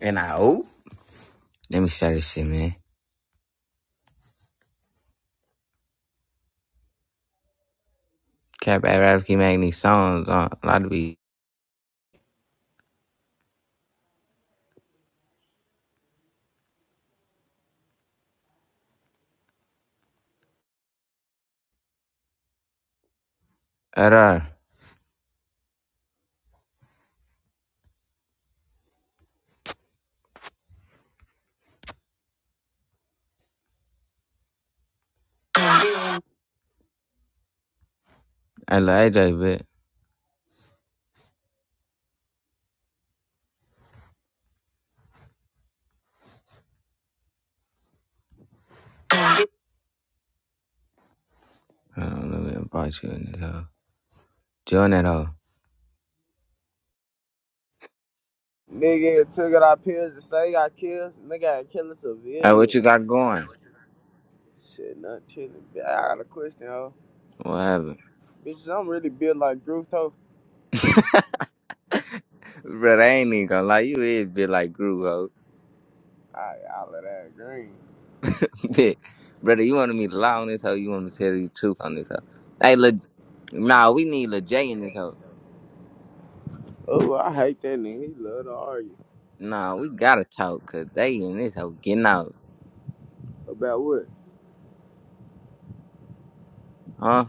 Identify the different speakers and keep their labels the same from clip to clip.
Speaker 1: And I oh, let me start this shit, man. Cap at rap keep making these songs on a lot of be at her. I love AJ, bit. I don't know if i about you in that hoe. Join that hoe.
Speaker 2: Nigga had took it our pills to say got killed. Nigga had killing
Speaker 1: Hey, what you
Speaker 2: civilians.
Speaker 1: got going?
Speaker 2: Shit, not chilling. Bi- I got a question, ho.
Speaker 1: What happened?
Speaker 2: Bitches, I'm really built like Groove Toe.
Speaker 1: Brother, I ain't even gonna lie. You is a bit like Gru, hoe.
Speaker 2: I I of that green.
Speaker 1: Bit. Brother, you wanted me to lie on this hoe? You want me to tell you the truth on this hoe? Hey, look. nah, we need LeJ in this hoe.
Speaker 2: Oh, I hate that nigga. He love to argue.
Speaker 1: Nah, we gotta talk, cause they in this hoe getting out.
Speaker 2: About what?
Speaker 1: Huh?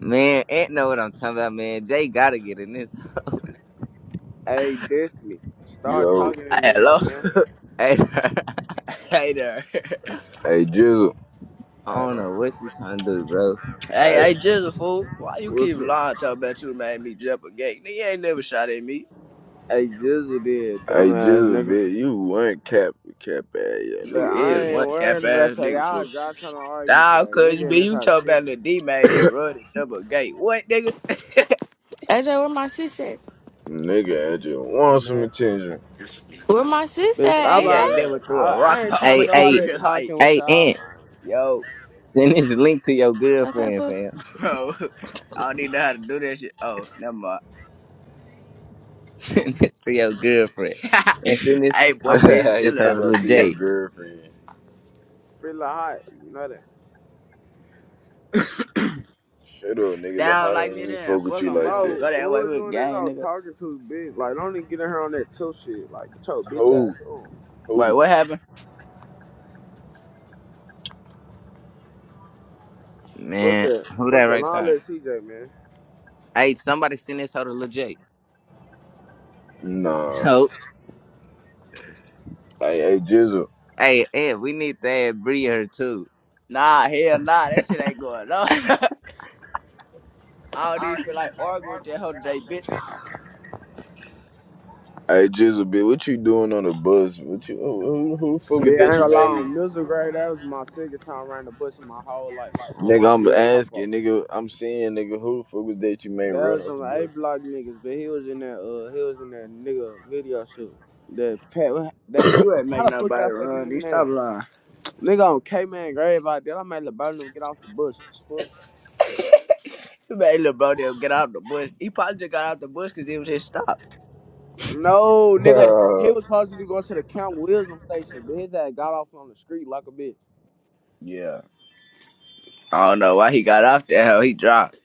Speaker 1: Man, Ant know what I'm talking about, man. Jay gotta get in this.
Speaker 2: Hey, Destiny. Start
Speaker 3: Yo,
Speaker 2: talking in this hoe,
Speaker 4: Hello.
Speaker 2: man.
Speaker 1: Hey, I
Speaker 4: hey there.
Speaker 3: hey Jizzle,
Speaker 2: Hey
Speaker 1: don't
Speaker 2: there.
Speaker 1: know what you trying to do, bro.
Speaker 4: Hey,
Speaker 3: hey,
Speaker 4: hey, just fool. Why you
Speaker 2: What's
Speaker 4: keep
Speaker 2: up?
Speaker 4: lying talking about you made me jump a gate? Nigga you ain't never shot at me.
Speaker 2: Hey, Jizzle did,
Speaker 3: hey
Speaker 2: dumbass
Speaker 3: Jizzle,
Speaker 2: nigga.
Speaker 3: bitch, you weren't cap, cap ass, yeah,
Speaker 2: But
Speaker 4: You
Speaker 3: nigga, bitch.
Speaker 4: is
Speaker 2: I ain't
Speaker 4: one cap
Speaker 2: worried
Speaker 4: ass
Speaker 2: about that.
Speaker 4: nigga
Speaker 2: Y'all,
Speaker 4: fool.
Speaker 2: y'all trying to argue
Speaker 4: Nah,
Speaker 2: today.
Speaker 4: cause you
Speaker 2: Nigga in
Speaker 4: be
Speaker 2: this
Speaker 4: you
Speaker 2: house
Speaker 4: talking
Speaker 2: chilling.
Speaker 4: about the D made me run and jump a gate. What nigga?
Speaker 5: AJ, where my sis at?
Speaker 3: Nigga, I just want some
Speaker 2: And
Speaker 3: attention.
Speaker 5: Where my sis
Speaker 2: Bitch,
Speaker 4: The
Speaker 2: stop
Speaker 5: at,
Speaker 4: D
Speaker 5: AJ?
Speaker 2: all
Speaker 4: ain't
Speaker 2: that
Speaker 4: never threw a
Speaker 2: talk.
Speaker 4: rock
Speaker 2: I ain't
Speaker 4: my
Speaker 2: trying to
Speaker 1: Hey,
Speaker 4: way
Speaker 2: do
Speaker 4: in
Speaker 2: all
Speaker 1: hey,
Speaker 2: that
Speaker 4: real life.
Speaker 2: talking with
Speaker 1: hey,
Speaker 2: y'all.
Speaker 1: Aunt,
Speaker 2: I ain't
Speaker 4: Yo,
Speaker 1: send this link to your
Speaker 5: Okay,
Speaker 1: girlfriend,
Speaker 5: fuck.
Speaker 1: fam.
Speaker 4: bro. I don't even know how to do that shit. Oh, never mind.
Speaker 1: Send it to your girlfriend. And send this,
Speaker 4: hey boy,
Speaker 1: I'm finna
Speaker 4: bitch,
Speaker 1: send
Speaker 3: he
Speaker 1: this
Speaker 4: chill
Speaker 1: out
Speaker 4: out.
Speaker 3: talking
Speaker 1: to Lil
Speaker 3: about to your
Speaker 1: J.
Speaker 3: girlfriend.
Speaker 2: feel hot, you know that.
Speaker 3: Shut up, nigga, look
Speaker 4: Down
Speaker 3: hotter
Speaker 4: like
Speaker 3: ain't
Speaker 4: me
Speaker 3: even
Speaker 4: then.
Speaker 3: fuck with
Speaker 4: Fuck
Speaker 3: you
Speaker 4: them, they
Speaker 3: like
Speaker 4: won't
Speaker 3: that.
Speaker 4: go
Speaker 2: Bro, who
Speaker 4: that way
Speaker 2: was
Speaker 4: with
Speaker 2: doing this
Speaker 4: gang,
Speaker 2: all
Speaker 4: nigga.
Speaker 2: talking to, bitch? Like, don't even get in here on that chill shit. Like, get your bitch
Speaker 3: Who,
Speaker 2: ass on.
Speaker 4: Wait,
Speaker 3: who?
Speaker 4: what happened?
Speaker 2: Fuck
Speaker 1: Man,
Speaker 2: that.
Speaker 1: who that
Speaker 2: Fuck that. and
Speaker 1: right
Speaker 2: all
Speaker 1: there?
Speaker 2: that CJ, man.
Speaker 1: Hey, somebody send this out to Lil J.
Speaker 3: Nah.
Speaker 1: Oh,
Speaker 3: Hey, hey Jizzle,
Speaker 1: hey, Aunt, we need to add Bree here too.
Speaker 4: Nah, hell nah, that shit ain't going on. I don't even feel like arguing with that hoe today, bitch.
Speaker 3: hey Jizzle, bitch, what you doing on the bus? What you, who, who, who the fuck is
Speaker 2: Yeah, I
Speaker 3: that
Speaker 2: ain't
Speaker 3: you
Speaker 2: gonna lie,
Speaker 3: made?
Speaker 2: on music grade, that was my second time around the bush in my whole life. On
Speaker 3: Nigga,
Speaker 2: my
Speaker 3: I'm
Speaker 2: dead pop off.
Speaker 3: asking, nigga, I'm seeing, nigga, who the fuck is that you made
Speaker 2: That
Speaker 3: run
Speaker 2: was
Speaker 3: off
Speaker 2: them
Speaker 3: the
Speaker 2: A block niggas, but he was in that, uh, he was in that nigga video shoot. That Pat, that,
Speaker 4: You ain't make
Speaker 2: how the fuck y'all
Speaker 4: nobody
Speaker 2: say the
Speaker 4: run. You
Speaker 2: nigga name?
Speaker 4: stop lying.
Speaker 2: Nigga on K-Man grave out there. I made LeBron them get off the bus. What the
Speaker 4: You made little bro there get out the bush. He probably just got out the bush because it was his stop.
Speaker 2: fuck? No, nigga.
Speaker 3: bus?
Speaker 2: He was supposed to be going to the Camp Wisdom station, but his ass got off on the street like a bitch.
Speaker 4: Yeah. I don't know why he got off that hoe. He dropped.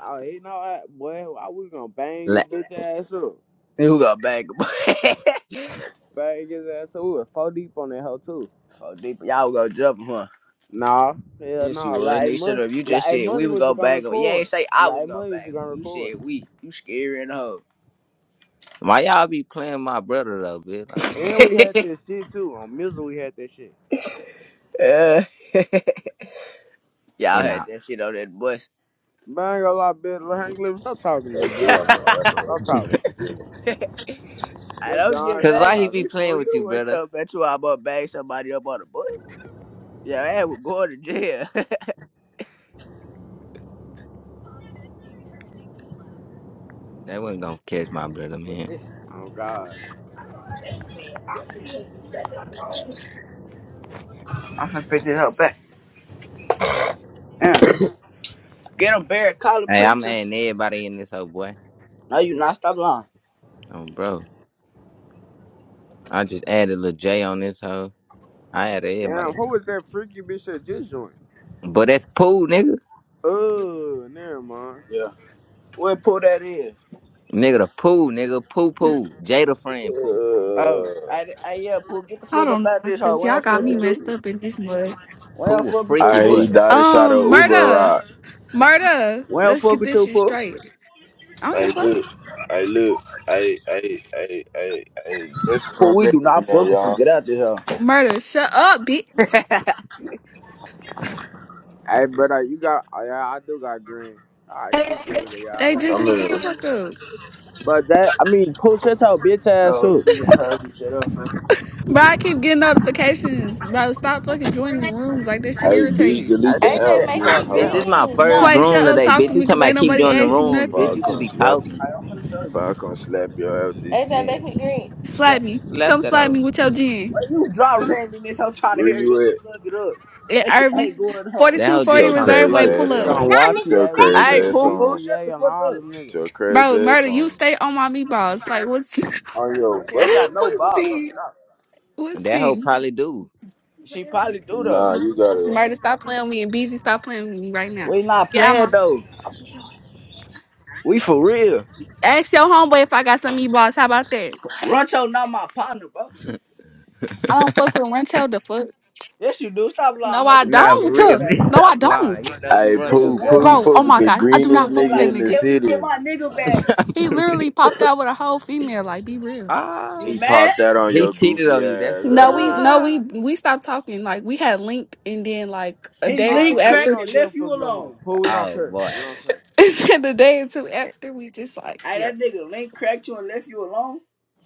Speaker 2: Oh, he know that, boy. I was gonna bang his
Speaker 1: Like,
Speaker 2: bitch ass up.
Speaker 4: And Who got bang?
Speaker 2: Gonna Bang his ass up. We were four deep on that hoe, too.
Speaker 4: so deep, y'all was gonna jump him, huh?
Speaker 2: Nah, hell
Speaker 4: Yes, you
Speaker 2: nah.
Speaker 4: was.
Speaker 2: Like, hey,
Speaker 4: Nigga, shut
Speaker 2: money,
Speaker 4: up. You
Speaker 2: like,
Speaker 4: just
Speaker 2: hey,
Speaker 4: said we
Speaker 2: money
Speaker 4: would
Speaker 2: was
Speaker 4: go
Speaker 2: just gonna
Speaker 4: bang him. You ain't
Speaker 2: record.
Speaker 4: say I
Speaker 2: Like,
Speaker 4: was
Speaker 2: hey,
Speaker 4: gonna
Speaker 2: money was
Speaker 4: bang
Speaker 2: just
Speaker 4: him.
Speaker 2: gonna
Speaker 4: You
Speaker 2: record.
Speaker 4: said we. You scary in the hoe.
Speaker 1: why y'all be playing my brother though, bitch? Like,
Speaker 2: And we had this shit, too. On music, we had that shit.
Speaker 4: Uh, y'all
Speaker 1: and
Speaker 4: had
Speaker 1: I,
Speaker 4: that shit on that bus.
Speaker 2: Bang a lot, bitch. Like, Hank, stop talking to me,
Speaker 3: That thing
Speaker 2: gang.
Speaker 3: on my grandma was
Speaker 2: Stop talking.
Speaker 3: trying to get me.
Speaker 4: I
Speaker 2: That
Speaker 4: don't
Speaker 2: Don,
Speaker 4: get
Speaker 1: cause
Speaker 2: stop
Speaker 4: mad
Speaker 1: why he
Speaker 4: at
Speaker 1: be
Speaker 2: talking.
Speaker 4: me
Speaker 1: playing
Speaker 4: for
Speaker 1: with
Speaker 4: you.
Speaker 1: you,
Speaker 4: What
Speaker 1: brother?
Speaker 4: talking about you? I'm gonna bang somebody up on the bush. Yeah, I was going to jail
Speaker 1: They wasn't gonna catch my brother,
Speaker 4: with
Speaker 1: man.
Speaker 4: this.
Speaker 2: Oh God.
Speaker 4: I'm finna pick this up back. Yeah. Get him, Barrett. Call the
Speaker 1: Hey, I'm
Speaker 4: preacher.
Speaker 1: adding everybody in this whole boy.
Speaker 4: No, you not. Stop lying.
Speaker 1: Oh, bro. I just added Lil J on this hoe. I added
Speaker 2: Damn,
Speaker 1: everybody.
Speaker 2: who was that freaky bitch that just joined?
Speaker 1: But that's Pooh, nigga.
Speaker 4: She sleep.
Speaker 2: Oh, never mind.
Speaker 4: Yeah. Where pull that is?
Speaker 1: Nigga, the Pooh, nigga. Pooh Pooh. Jada friend Pooh.
Speaker 4: Oh,
Speaker 3: Uh,
Speaker 4: I, I yeah, Pooh, get the
Speaker 6: Hold
Speaker 4: fuck up
Speaker 6: on
Speaker 4: out
Speaker 6: now,
Speaker 4: this hoe.
Speaker 6: cause
Speaker 4: We
Speaker 6: y'all
Speaker 4: don't
Speaker 6: got
Speaker 4: fuck
Speaker 6: me
Speaker 3: yeah.
Speaker 4: with you.
Speaker 6: messed up in this mud.
Speaker 4: We don't
Speaker 1: Pooh a
Speaker 4: fuck with you,
Speaker 1: freaky
Speaker 3: I hate he
Speaker 4: Pooh.
Speaker 1: butt.
Speaker 3: died inside
Speaker 6: Um,
Speaker 3: of Uber
Speaker 6: murder,
Speaker 3: ride.
Speaker 6: murder.
Speaker 4: We don't
Speaker 6: Let's
Speaker 4: fuck
Speaker 6: get
Speaker 4: with
Speaker 6: this
Speaker 4: you,
Speaker 6: shit
Speaker 4: Pooh.
Speaker 6: straight. I don't give a
Speaker 3: I
Speaker 6: fuck.
Speaker 3: look. I look. I, I, I, I, I Guess what
Speaker 4: Pooh, we do not
Speaker 3: right now,
Speaker 4: fuck with you.
Speaker 3: y'all?
Speaker 4: Get out this hoe.
Speaker 6: Murder, shut up, bitch.
Speaker 2: Hey, brother, you got? Oh, yeah, I do got green. I
Speaker 5: Hey,
Speaker 2: kick it with
Speaker 5: it's
Speaker 2: the
Speaker 6: They
Speaker 2: y'all
Speaker 5: Queen
Speaker 6: just
Speaker 3: I'm
Speaker 2: ass.
Speaker 5: is
Speaker 6: shut
Speaker 3: in.
Speaker 6: the
Speaker 5: here.
Speaker 6: fuck up,
Speaker 2: But that, I mean, pull shut your bitch ass
Speaker 4: Oh,
Speaker 2: up.
Speaker 4: she just heard you shut up, Pooh.
Speaker 6: bro. I keep getting notifications, bro. Stop fucking joining the rooms like this shit
Speaker 3: Hey, bitch,
Speaker 6: irritating.
Speaker 4: I
Speaker 3: delete the
Speaker 4: let me see
Speaker 5: AJ,
Speaker 3: app,
Speaker 4: that
Speaker 5: make
Speaker 3: being
Speaker 5: me
Speaker 4: charger. That
Speaker 1: Bitch,
Speaker 3: hoe.
Speaker 4: hoe.
Speaker 1: this my
Speaker 5: green.
Speaker 1: first
Speaker 6: Quay,
Speaker 4: Boy,
Speaker 1: room
Speaker 6: shut up,
Speaker 4: you
Speaker 1: today,
Speaker 6: talk to
Speaker 1: bitch. You
Speaker 6: me, cause
Speaker 4: done.
Speaker 1: talking
Speaker 6: ain't
Speaker 1: about keep
Speaker 6: nobody
Speaker 1: joining the
Speaker 6: asked you
Speaker 1: room,
Speaker 3: Before I
Speaker 1: bitch.
Speaker 6: nothing.
Speaker 1: You just
Speaker 3: come
Speaker 1: be
Speaker 3: slap you.
Speaker 1: talking.
Speaker 4: Alright, I'm finna show you.
Speaker 3: Before I come slap your ass this
Speaker 5: AJ,
Speaker 3: gym.
Speaker 5: make me green.
Speaker 6: Slap
Speaker 1: Slap,
Speaker 6: me,
Speaker 1: slap
Speaker 6: come
Speaker 1: that
Speaker 6: slap me
Speaker 1: hoe.
Speaker 6: with your gin.
Speaker 4: Why you drop randomness? I'm trying to
Speaker 3: Where
Speaker 4: hear you
Speaker 3: you at?
Speaker 4: plug it up.
Speaker 6: It
Speaker 4: That shit
Speaker 6: Irvin,
Speaker 4: ain't going home.
Speaker 6: forty
Speaker 1: That
Speaker 6: two
Speaker 1: hoe
Speaker 6: forty
Speaker 1: just
Speaker 3: Your
Speaker 1: trying to
Speaker 6: Reserve Way,
Speaker 3: crazy
Speaker 1: flirt.
Speaker 6: pull
Speaker 3: ass
Speaker 2: Nigga
Speaker 6: up,
Speaker 2: on
Speaker 3: on. Your
Speaker 2: YTA, we
Speaker 3: crazy
Speaker 4: Hey,
Speaker 2: putting
Speaker 3: ass
Speaker 4: poo fool,
Speaker 3: on.
Speaker 4: shut the
Speaker 2: BTA on
Speaker 4: fuck
Speaker 2: all
Speaker 4: up.
Speaker 2: them niggas.
Speaker 3: Your crazy
Speaker 6: bro.
Speaker 3: ass
Speaker 6: Murder, you
Speaker 3: on.
Speaker 6: stay on my meatballs. Like what's
Speaker 3: On your
Speaker 4: That you ain't
Speaker 3: what?
Speaker 4: got no
Speaker 6: what's
Speaker 4: bob though.
Speaker 6: the
Speaker 4: Stop.
Speaker 6: what's
Speaker 1: And that hoe
Speaker 6: the?
Speaker 1: probably do.
Speaker 4: She probably do though.
Speaker 3: Nah, you gotta.
Speaker 6: Murder, stop playing with me. And Beezy, stop playing with me right now.
Speaker 4: We not
Speaker 6: Get
Speaker 4: playing though. We for real.
Speaker 6: Ask your homeboy if I got some meatballs. How about that?
Speaker 4: Runcho not my partner, bro.
Speaker 6: I don't fuck with Rencho the fuck.
Speaker 4: Yes, you do. Stop lying,
Speaker 6: No,
Speaker 4: huh?
Speaker 6: I
Speaker 4: You
Speaker 1: Nah,
Speaker 4: just
Speaker 1: for
Speaker 6: don't.
Speaker 4: text me
Speaker 1: real,
Speaker 4: back
Speaker 1: bitch.
Speaker 4: here.
Speaker 6: No, I
Speaker 1: Stop
Speaker 6: don't.
Speaker 1: lying. You know you
Speaker 3: Hey,
Speaker 1: want
Speaker 4: Yes, you
Speaker 1: your
Speaker 3: Pooh,
Speaker 4: was.
Speaker 3: Pooh,
Speaker 1: girlfriend.
Speaker 6: Bro,
Speaker 4: You
Speaker 6: oh
Speaker 3: fuck
Speaker 4: was
Speaker 3: with
Speaker 6: my
Speaker 3: the
Speaker 4: just,
Speaker 6: gosh. I do
Speaker 4: you
Speaker 3: greenest
Speaker 6: not
Speaker 4: was just
Speaker 6: fuck with
Speaker 3: nigga
Speaker 6: that
Speaker 4: like,
Speaker 3: in the
Speaker 6: nigga.
Speaker 4: help me get
Speaker 3: city.
Speaker 4: my nigga back.
Speaker 6: He
Speaker 1: For real.
Speaker 6: literally popped out with a whole female. Like, be real.
Speaker 1: ah.
Speaker 4: You
Speaker 3: He
Speaker 4: mad?
Speaker 3: popped that on
Speaker 1: He
Speaker 3: your
Speaker 1: cheated
Speaker 3: goofy
Speaker 1: on you. That's
Speaker 3: ass.
Speaker 1: what it
Speaker 6: No, we
Speaker 1: was.
Speaker 6: no
Speaker 3: Ah.
Speaker 6: we we stopped talking. Like we had linked and then like a
Speaker 4: He
Speaker 6: day or
Speaker 2: All right,
Speaker 6: two
Speaker 4: link
Speaker 2: Pooh, we
Speaker 6: after
Speaker 4: cracked
Speaker 2: don't
Speaker 4: and
Speaker 2: give a
Speaker 4: left you
Speaker 2: fuck no more.
Speaker 4: alone.
Speaker 2: Pooh, we don't
Speaker 1: Oh,
Speaker 2: care.
Speaker 1: boy.
Speaker 2: We don't care.
Speaker 6: and the day or two after we just like,
Speaker 4: Hey,
Speaker 6: yeah.
Speaker 4: that nigga link cracked you and left you alone?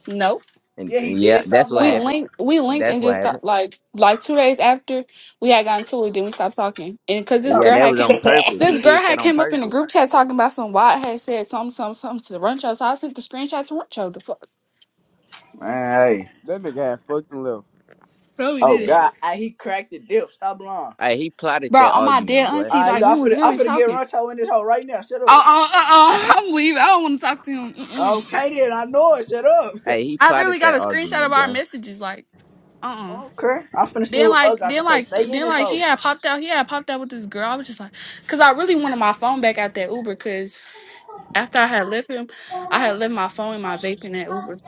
Speaker 6: Nope.
Speaker 1: And
Speaker 4: Yeah, he
Speaker 1: yeah,
Speaker 4: did. Stop
Speaker 1: that's what
Speaker 6: we
Speaker 4: lying.
Speaker 1: happened.
Speaker 6: linked we linked
Speaker 1: That's
Speaker 6: and
Speaker 1: what
Speaker 6: just
Speaker 1: happened.
Speaker 6: stopped, like like two days after we had gotten to it then we stopped talking and because this
Speaker 1: Yeah,
Speaker 6: girl
Speaker 1: that
Speaker 6: had
Speaker 1: was on
Speaker 6: came
Speaker 1: purpose.
Speaker 6: this
Speaker 1: He
Speaker 6: girl
Speaker 1: did
Speaker 6: had
Speaker 1: that on
Speaker 6: came up in the
Speaker 1: purpose.
Speaker 6: group chat talking about some why I had said something something something to Runcho so I sent the screenshot to Runcho the fuck
Speaker 4: Man, hey.
Speaker 2: That nigga had fucked and left.
Speaker 6: bro we
Speaker 4: Oh
Speaker 6: did it
Speaker 1: Yeah.
Speaker 4: God, I, he cracked the dip. Stop lying.
Speaker 1: Hey, he plotted
Speaker 6: bro
Speaker 1: that
Speaker 6: on my dead
Speaker 1: argument, boy.
Speaker 6: auntie
Speaker 4: I
Speaker 6: like
Speaker 4: look, I
Speaker 6: we was
Speaker 4: finna I
Speaker 6: literally
Speaker 4: finna get
Speaker 6: talking
Speaker 4: Runcho in this hole right now. Shut
Speaker 6: uh
Speaker 4: up.
Speaker 6: uh uh uh I'm leaving I don't want to talk to him Mm-mm.
Speaker 4: Okay then, I know it. Shut up.
Speaker 1: Hey, he
Speaker 6: I
Speaker 1: plotted
Speaker 6: literally got a
Speaker 1: that
Speaker 6: screenshot of
Speaker 1: argument,
Speaker 6: our
Speaker 1: boy.
Speaker 6: messages like uh uh
Speaker 4: Okay, I finna see
Speaker 6: Then
Speaker 4: what bro
Speaker 6: like,
Speaker 4: got to
Speaker 6: then
Speaker 4: say.
Speaker 6: like,
Speaker 4: Stay in
Speaker 6: then
Speaker 4: this
Speaker 6: like, he
Speaker 4: hole.
Speaker 6: had popped out. He had popped out with this girl. I was just like, cause I really wanted my phone back out that Uber, cause After I had left him, I had left my phone and my vape in that Uber.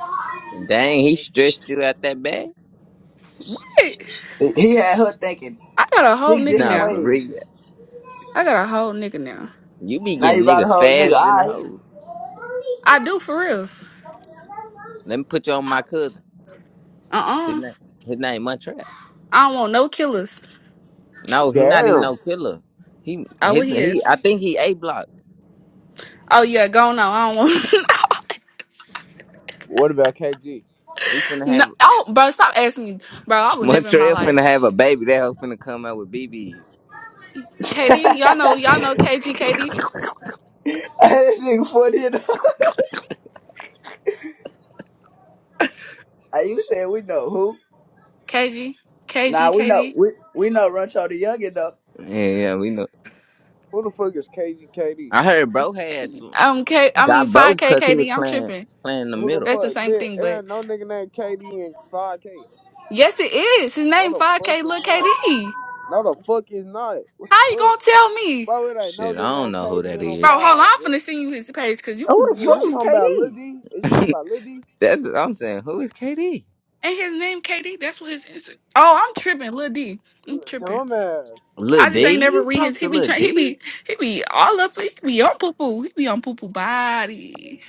Speaker 1: Dang, he stretched you out that bad?
Speaker 6: Hey,
Speaker 4: He he had her thinking
Speaker 6: I got a whole
Speaker 4: six
Speaker 6: nigga
Speaker 4: different
Speaker 1: No,
Speaker 6: now.
Speaker 1: for
Speaker 4: ways.
Speaker 1: real.
Speaker 6: I got a whole nigga now.
Speaker 1: You be
Speaker 4: Now
Speaker 1: getting
Speaker 4: you got a
Speaker 1: niggas
Speaker 4: whole nigga.
Speaker 1: fast in the
Speaker 4: All
Speaker 1: hole.
Speaker 6: I do for real.
Speaker 1: Let me put you on my cousin.
Speaker 6: Uh
Speaker 1: His
Speaker 6: uh
Speaker 1: name, his name Muntrap.
Speaker 6: I don't want no killers.
Speaker 1: No, he not even
Speaker 2: Damn.
Speaker 1: no killer. He,
Speaker 6: Oh, what
Speaker 1: his,
Speaker 6: he
Speaker 1: he.
Speaker 6: is?
Speaker 1: I think he a block.
Speaker 6: Oh yeah, go on. I don't want.
Speaker 2: What about KG?
Speaker 1: He finna
Speaker 6: no,
Speaker 1: have
Speaker 6: oh, bro, stop asking me, bro. I would never in my
Speaker 1: Montreal
Speaker 6: life.
Speaker 1: finna have a baby. That hoe finna come out with BBs.
Speaker 4: right.
Speaker 6: Katie, y'all know, y'all know KG, Katie,
Speaker 4: Hey, this nigga funny enough. Hey, you said we know who?
Speaker 6: KG,
Speaker 4: Nah,
Speaker 6: KG,
Speaker 4: we know
Speaker 6: Katie.
Speaker 4: we we know Runcho the youngin though.
Speaker 1: Yeah, yeah, we know.
Speaker 2: Who the fuck is KG KD?
Speaker 1: I heard bro had some,
Speaker 6: Um, K.
Speaker 1: some-
Speaker 6: I mean
Speaker 1: got
Speaker 6: five
Speaker 1: broke
Speaker 6: K,
Speaker 1: because he was
Speaker 6: Katie. I'm
Speaker 1: playing
Speaker 6: tripping.
Speaker 1: playing the
Speaker 2: Who the
Speaker 1: middle.
Speaker 6: That's the
Speaker 2: fuck? Man,
Speaker 6: same
Speaker 2: it
Speaker 6: thing, but
Speaker 2: ain't no nigga named KD in 5K.
Speaker 6: yes, it is. His
Speaker 2: No,
Speaker 6: name
Speaker 2: the
Speaker 6: five
Speaker 2: fuck
Speaker 6: K,
Speaker 2: is
Speaker 6: Look,
Speaker 2: not.
Speaker 6: KD.
Speaker 2: No, the fuck is not. What the
Speaker 6: How you
Speaker 2: fuck?
Speaker 6: gonna tell me?
Speaker 2: Bro, it ain't no
Speaker 1: Shit, I
Speaker 2: nigga
Speaker 1: don't
Speaker 2: named
Speaker 1: know who
Speaker 2: KD
Speaker 1: that
Speaker 2: in on
Speaker 1: is.
Speaker 6: Bro, hold on.
Speaker 2: Falls,
Speaker 6: I'm
Speaker 2: man.
Speaker 6: finna send you his page because
Speaker 4: And
Speaker 6: you,
Speaker 4: who the
Speaker 2: Nigga, is
Speaker 6: you,
Speaker 4: fuck
Speaker 2: you
Speaker 4: is
Speaker 2: talking about Lil
Speaker 4: KD?
Speaker 2: D? Is you talking
Speaker 1: That's
Speaker 2: about Lil D?
Speaker 1: what I'm saying. Who is KD?
Speaker 6: and his name KD. That's what his Insta. Oh, I'm tripping, Lil D. I'm
Speaker 2: L-
Speaker 6: tripping.
Speaker 2: Dumbass.
Speaker 1: Lil
Speaker 6: I just
Speaker 2: Lil
Speaker 1: D?
Speaker 6: ain't
Speaker 2: D?
Speaker 6: never
Speaker 1: You
Speaker 6: read his.
Speaker 1: talk
Speaker 6: He
Speaker 1: to
Speaker 6: be
Speaker 1: Lil
Speaker 6: trying. He
Speaker 1: D?
Speaker 6: be. He be all up. He be on poo poo. He be on poo poo body.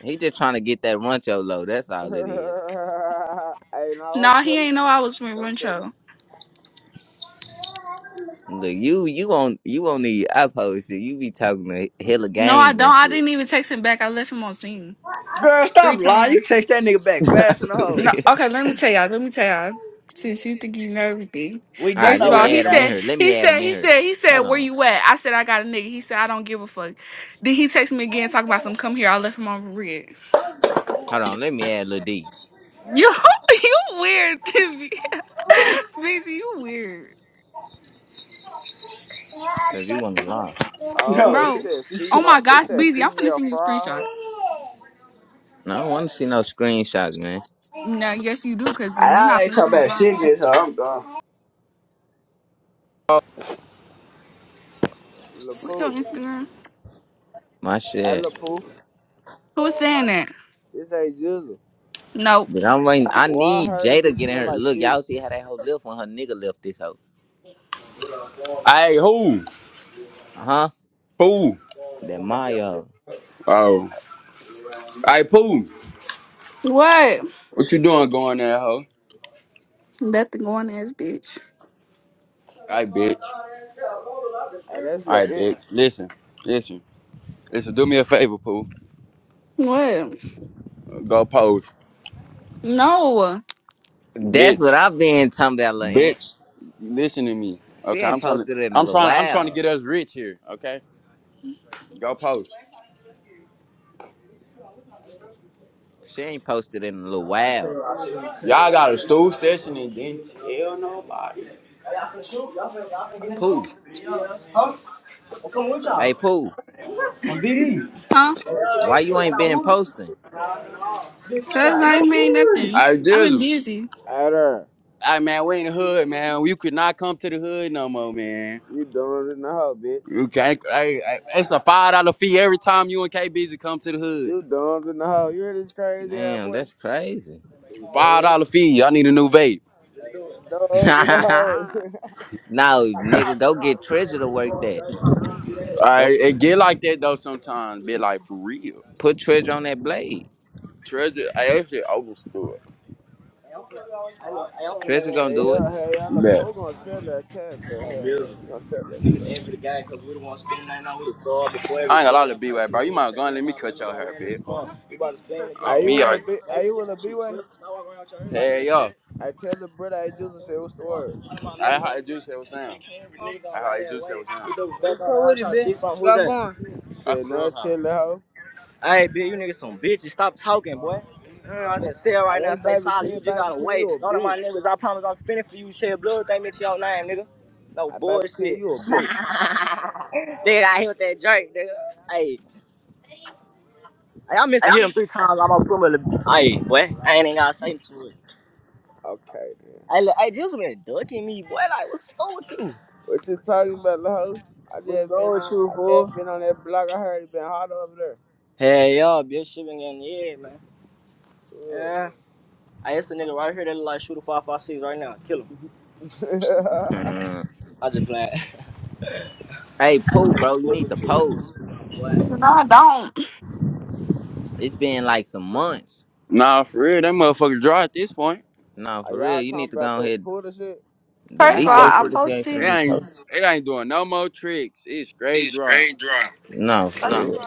Speaker 1: He just trying to get that runcho low. That's all it is.
Speaker 2: hey, no,
Speaker 6: Nah,
Speaker 2: don't
Speaker 6: he
Speaker 2: tell her.
Speaker 6: ain't know I was with
Speaker 2: Don't tell her.
Speaker 6: Runcho.
Speaker 1: Look, you you on you on the uphold shit. You be talking to hella
Speaker 6: No, I
Speaker 1: gangs
Speaker 6: don't.
Speaker 1: and
Speaker 6: I
Speaker 1: shit.
Speaker 6: didn't even text him back. I left him on scene
Speaker 4: Girl, stop
Speaker 6: three
Speaker 4: lying. You
Speaker 6: times.
Speaker 4: text that nigga back fast in the
Speaker 1: For
Speaker 4: hole.
Speaker 6: No,
Speaker 1: real.
Speaker 6: okay, let me tell y'all. Let me tell y'all. Since you think you know everything.
Speaker 4: We
Speaker 1: all
Speaker 4: do
Speaker 1: right,
Speaker 6: First of
Speaker 1: let
Speaker 4: know
Speaker 1: me
Speaker 6: all, he
Speaker 1: add him in
Speaker 6: said,
Speaker 4: everything.
Speaker 1: here. Let
Speaker 6: he
Speaker 1: me add
Speaker 6: said,
Speaker 1: him
Speaker 6: he
Speaker 1: in here.
Speaker 6: said, he said,
Speaker 1: Hold
Speaker 6: where
Speaker 1: on,
Speaker 6: you at? I said, I got a nigga. He said, I don't give a fuck. Then he text me again talking about some come here. I left him on red.
Speaker 1: hold on. Let me add Lil D
Speaker 6: You you weird, Busy. Busy, you weird.
Speaker 1: because you want to lie.
Speaker 2: Oh,
Speaker 4: No,
Speaker 2: this
Speaker 6: Bro.
Speaker 2: that
Speaker 6: Oh
Speaker 2: female,
Speaker 6: my
Speaker 2: this
Speaker 6: gosh,
Speaker 2: that
Speaker 6: Busy, I'm finna
Speaker 2: female
Speaker 6: send you a
Speaker 2: fry
Speaker 6: screenshot.
Speaker 2: hoe.
Speaker 1: No, I don't want to see no screenshots, man.
Speaker 6: No, yes you do,
Speaker 4: I,
Speaker 6: cause you're
Speaker 4: I
Speaker 6: not
Speaker 4: ain't
Speaker 6: finna
Speaker 4: talking
Speaker 6: send it
Speaker 4: about shit
Speaker 6: around.
Speaker 4: this. hoe. I'm gone.
Speaker 6: What's your
Speaker 2: LaPoo.
Speaker 6: Instagram?
Speaker 1: My
Speaker 2: Hey,
Speaker 1: shit.
Speaker 2: LaPoo.
Speaker 6: Who's saying that?
Speaker 2: This ain't Jizzle.
Speaker 6: Nope.
Speaker 1: But I'm waiting. I
Speaker 2: Why I
Speaker 1: need
Speaker 2: heard
Speaker 1: Jada to
Speaker 2: you
Speaker 1: get in
Speaker 2: smell
Speaker 1: her.
Speaker 2: like
Speaker 1: Look,
Speaker 2: fish?
Speaker 1: y'all see how that hoe lift when her nigga lift this hoe.
Speaker 7: Hey, who?
Speaker 1: uh Huh?
Speaker 7: Pooh.
Speaker 1: That Maya.
Speaker 7: Oh. Hey, Pooh.
Speaker 6: What?
Speaker 7: What you doing going there, ho?
Speaker 6: Nothing going ass bitch.
Speaker 7: Hey, bitch.
Speaker 2: Hey, that's La
Speaker 7: Hey,
Speaker 2: Aunt.
Speaker 7: bitch. Listen. Listen. Listen, do me a favor, Pooh.
Speaker 6: What?
Speaker 7: Go post.
Speaker 6: No.
Speaker 1: That's
Speaker 7: Bitch.
Speaker 1: what I've been talking about, lil' aunt.
Speaker 7: Bitch. Listen to me.
Speaker 1: She
Speaker 7: Okay, I'm
Speaker 1: ain't
Speaker 7: trying to
Speaker 1: posted in a
Speaker 7: I'm
Speaker 1: little
Speaker 7: trying I'm trying to
Speaker 1: while.
Speaker 7: get us rich here, okay? Go post.
Speaker 1: She ain't posted in a little while.
Speaker 7: Y'all got a stool session and didn't tell nobody. Y'all finna shoot? Y'all finna, y'all finna get in school?
Speaker 1: Pooh.
Speaker 7: Huh? Well, come with
Speaker 1: Hey,
Speaker 7: y'all.
Speaker 1: Pooh.
Speaker 7: B
Speaker 6: Huh?
Speaker 1: Why you ain't been
Speaker 7: D.
Speaker 1: posting?
Speaker 6: Cause I ain't made nothing.
Speaker 7: I
Speaker 6: I've been
Speaker 7: do.
Speaker 6: busy.
Speaker 2: Hey, there.
Speaker 7: I man, we in the hood, man. You could not come to the hood no more, man.
Speaker 2: You doing it now, bitch.
Speaker 7: You can't. I, I, it's a five dollar fee every time you and K Busy come to the hood.
Speaker 2: You dumb in the hole. You hear this crazy ass
Speaker 1: Damn,
Speaker 2: boy?
Speaker 1: that's crazy.
Speaker 2: You
Speaker 7: Five
Speaker 2: dumb.
Speaker 7: dollar fee. I need a new vape.
Speaker 2: Dumb in the hole.
Speaker 1: no, nigga, go get Treasure to work
Speaker 7: All
Speaker 1: that.
Speaker 7: right,
Speaker 1: Go
Speaker 7: it get like that though sometimes. Be like for real.
Speaker 1: put Treasure on that blade.
Speaker 7: Treasure, I actually overstood.
Speaker 1: Treasure gonna
Speaker 2: hey,
Speaker 1: do
Speaker 2: yo,
Speaker 1: it.
Speaker 2: hey, y'all, the pole gonna sell that cat, man.
Speaker 7: Yeah.
Speaker 2: Hey, she gonna sell that shit.
Speaker 7: I ain't allowed to be to bro. You might go and let me cut your hair, bitch.
Speaker 2: Are
Speaker 7: Oh,
Speaker 2: you
Speaker 7: me
Speaker 2: with a
Speaker 7: already.
Speaker 2: B? Are you with a B-way?
Speaker 7: Hell yeah.
Speaker 2: I tell the brother I just say, what's the word?
Speaker 7: That's how the juice was saying. That's how the juice was saying. So What's going on? I
Speaker 2: Shit, no
Speaker 7: cruise House.
Speaker 2: chill the hoe.
Speaker 7: Hey, bitch, you niggas some bitches. Stop talking, boy. I ain't on that
Speaker 2: I
Speaker 7: right now.
Speaker 2: just
Speaker 7: Stay
Speaker 2: baby
Speaker 7: solid.
Speaker 2: 10,
Speaker 7: You just
Speaker 2: baby
Speaker 7: gotta
Speaker 2: 10, you
Speaker 7: wait.
Speaker 2: a
Speaker 7: None of
Speaker 2: bitch.
Speaker 7: my niggas, I promise I'm spinning for you. Shed blood, thank me to your name, nigga. No
Speaker 2: I baby 10,
Speaker 7: bullshit.
Speaker 2: you a
Speaker 6: No,
Speaker 2: bitch.
Speaker 7: nigga, I hit with that jerk, nigga. Hey, hey, I missed to hit him three times. I'm gonna put him in the. Hey, boy, I ain't even gotta say to it.
Speaker 2: Okay, then.
Speaker 7: Hey, look, hey, just been ducking me, boy. Like, what's up with you?
Speaker 2: What you talking about, the hoe? I
Speaker 7: What's
Speaker 2: just
Speaker 7: up
Speaker 2: been
Speaker 7: with
Speaker 2: on it.
Speaker 7: you,
Speaker 2: I
Speaker 7: fool?
Speaker 2: just been on that block. I heard it been hot over
Speaker 7: Hey, y'all, bitch, shit been getting the head, man.
Speaker 2: there.
Speaker 7: Yeah. Hey, it's a nigga right here that look like shoot 556 right now. Kill him.
Speaker 2: Yeah.
Speaker 7: I just playing.
Speaker 1: hey, Pooh, bro, you need to post.
Speaker 6: I don't.
Speaker 1: It's been like some months.
Speaker 7: Nah, for real, that motherfucker dry at this point.
Speaker 1: Nah,
Speaker 2: Are
Speaker 1: for real,
Speaker 2: y'all
Speaker 1: you need
Speaker 2: talking
Speaker 1: to
Speaker 2: about
Speaker 1: go
Speaker 2: that
Speaker 1: ahead
Speaker 2: Twitter shit?
Speaker 1: and
Speaker 7: That
Speaker 6: First of
Speaker 1: delete
Speaker 6: all,
Speaker 7: hoe
Speaker 1: your
Speaker 7: ain't
Speaker 6: I
Speaker 7: for
Speaker 1: shit
Speaker 7: it
Speaker 1: if you ain't gonna
Speaker 6: posted.
Speaker 1: be
Speaker 7: ain't
Speaker 1: posted.
Speaker 7: it ain't doing no more tricks. It's straight
Speaker 6: He's
Speaker 7: dry.
Speaker 6: straight dry.
Speaker 1: No,
Speaker 6: First,
Speaker 1: for
Speaker 6: no.
Speaker 1: real.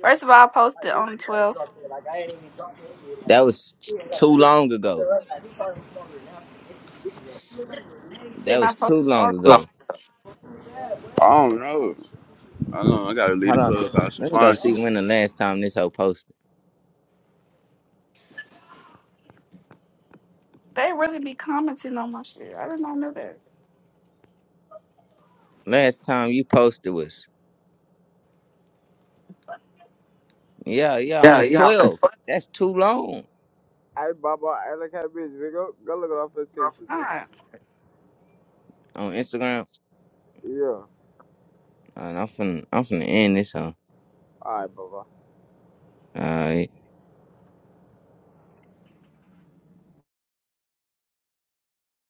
Speaker 6: first of all, I posted on the 12th.
Speaker 1: That was t- too long ago. That
Speaker 6: Then I
Speaker 1: was too
Speaker 6: posted on.
Speaker 1: long
Speaker 6: No.
Speaker 1: ago.
Speaker 7: I don't know. I don't know. I gotta leave
Speaker 1: Hold
Speaker 7: the
Speaker 1: on.
Speaker 7: club out some
Speaker 1: Let me go
Speaker 7: fun.
Speaker 1: see when the last time this hoe posted.
Speaker 6: They really be commenting on my shit. I did not know that.
Speaker 1: Last time you posted was yeah, yeah, on
Speaker 6: Yeah,
Speaker 1: the
Speaker 6: yeah. I'm
Speaker 1: 12th.
Speaker 6: like,
Speaker 1: That's too long
Speaker 2: Hey, Baba, I like how bitch, nigga. Go go look it up for the picture, bitch.
Speaker 6: what?
Speaker 1: on Instagram.
Speaker 2: Yeah.
Speaker 1: Uh, I'm finna, I'm finna end this hoe.
Speaker 2: All right, Baba.
Speaker 1: Uh,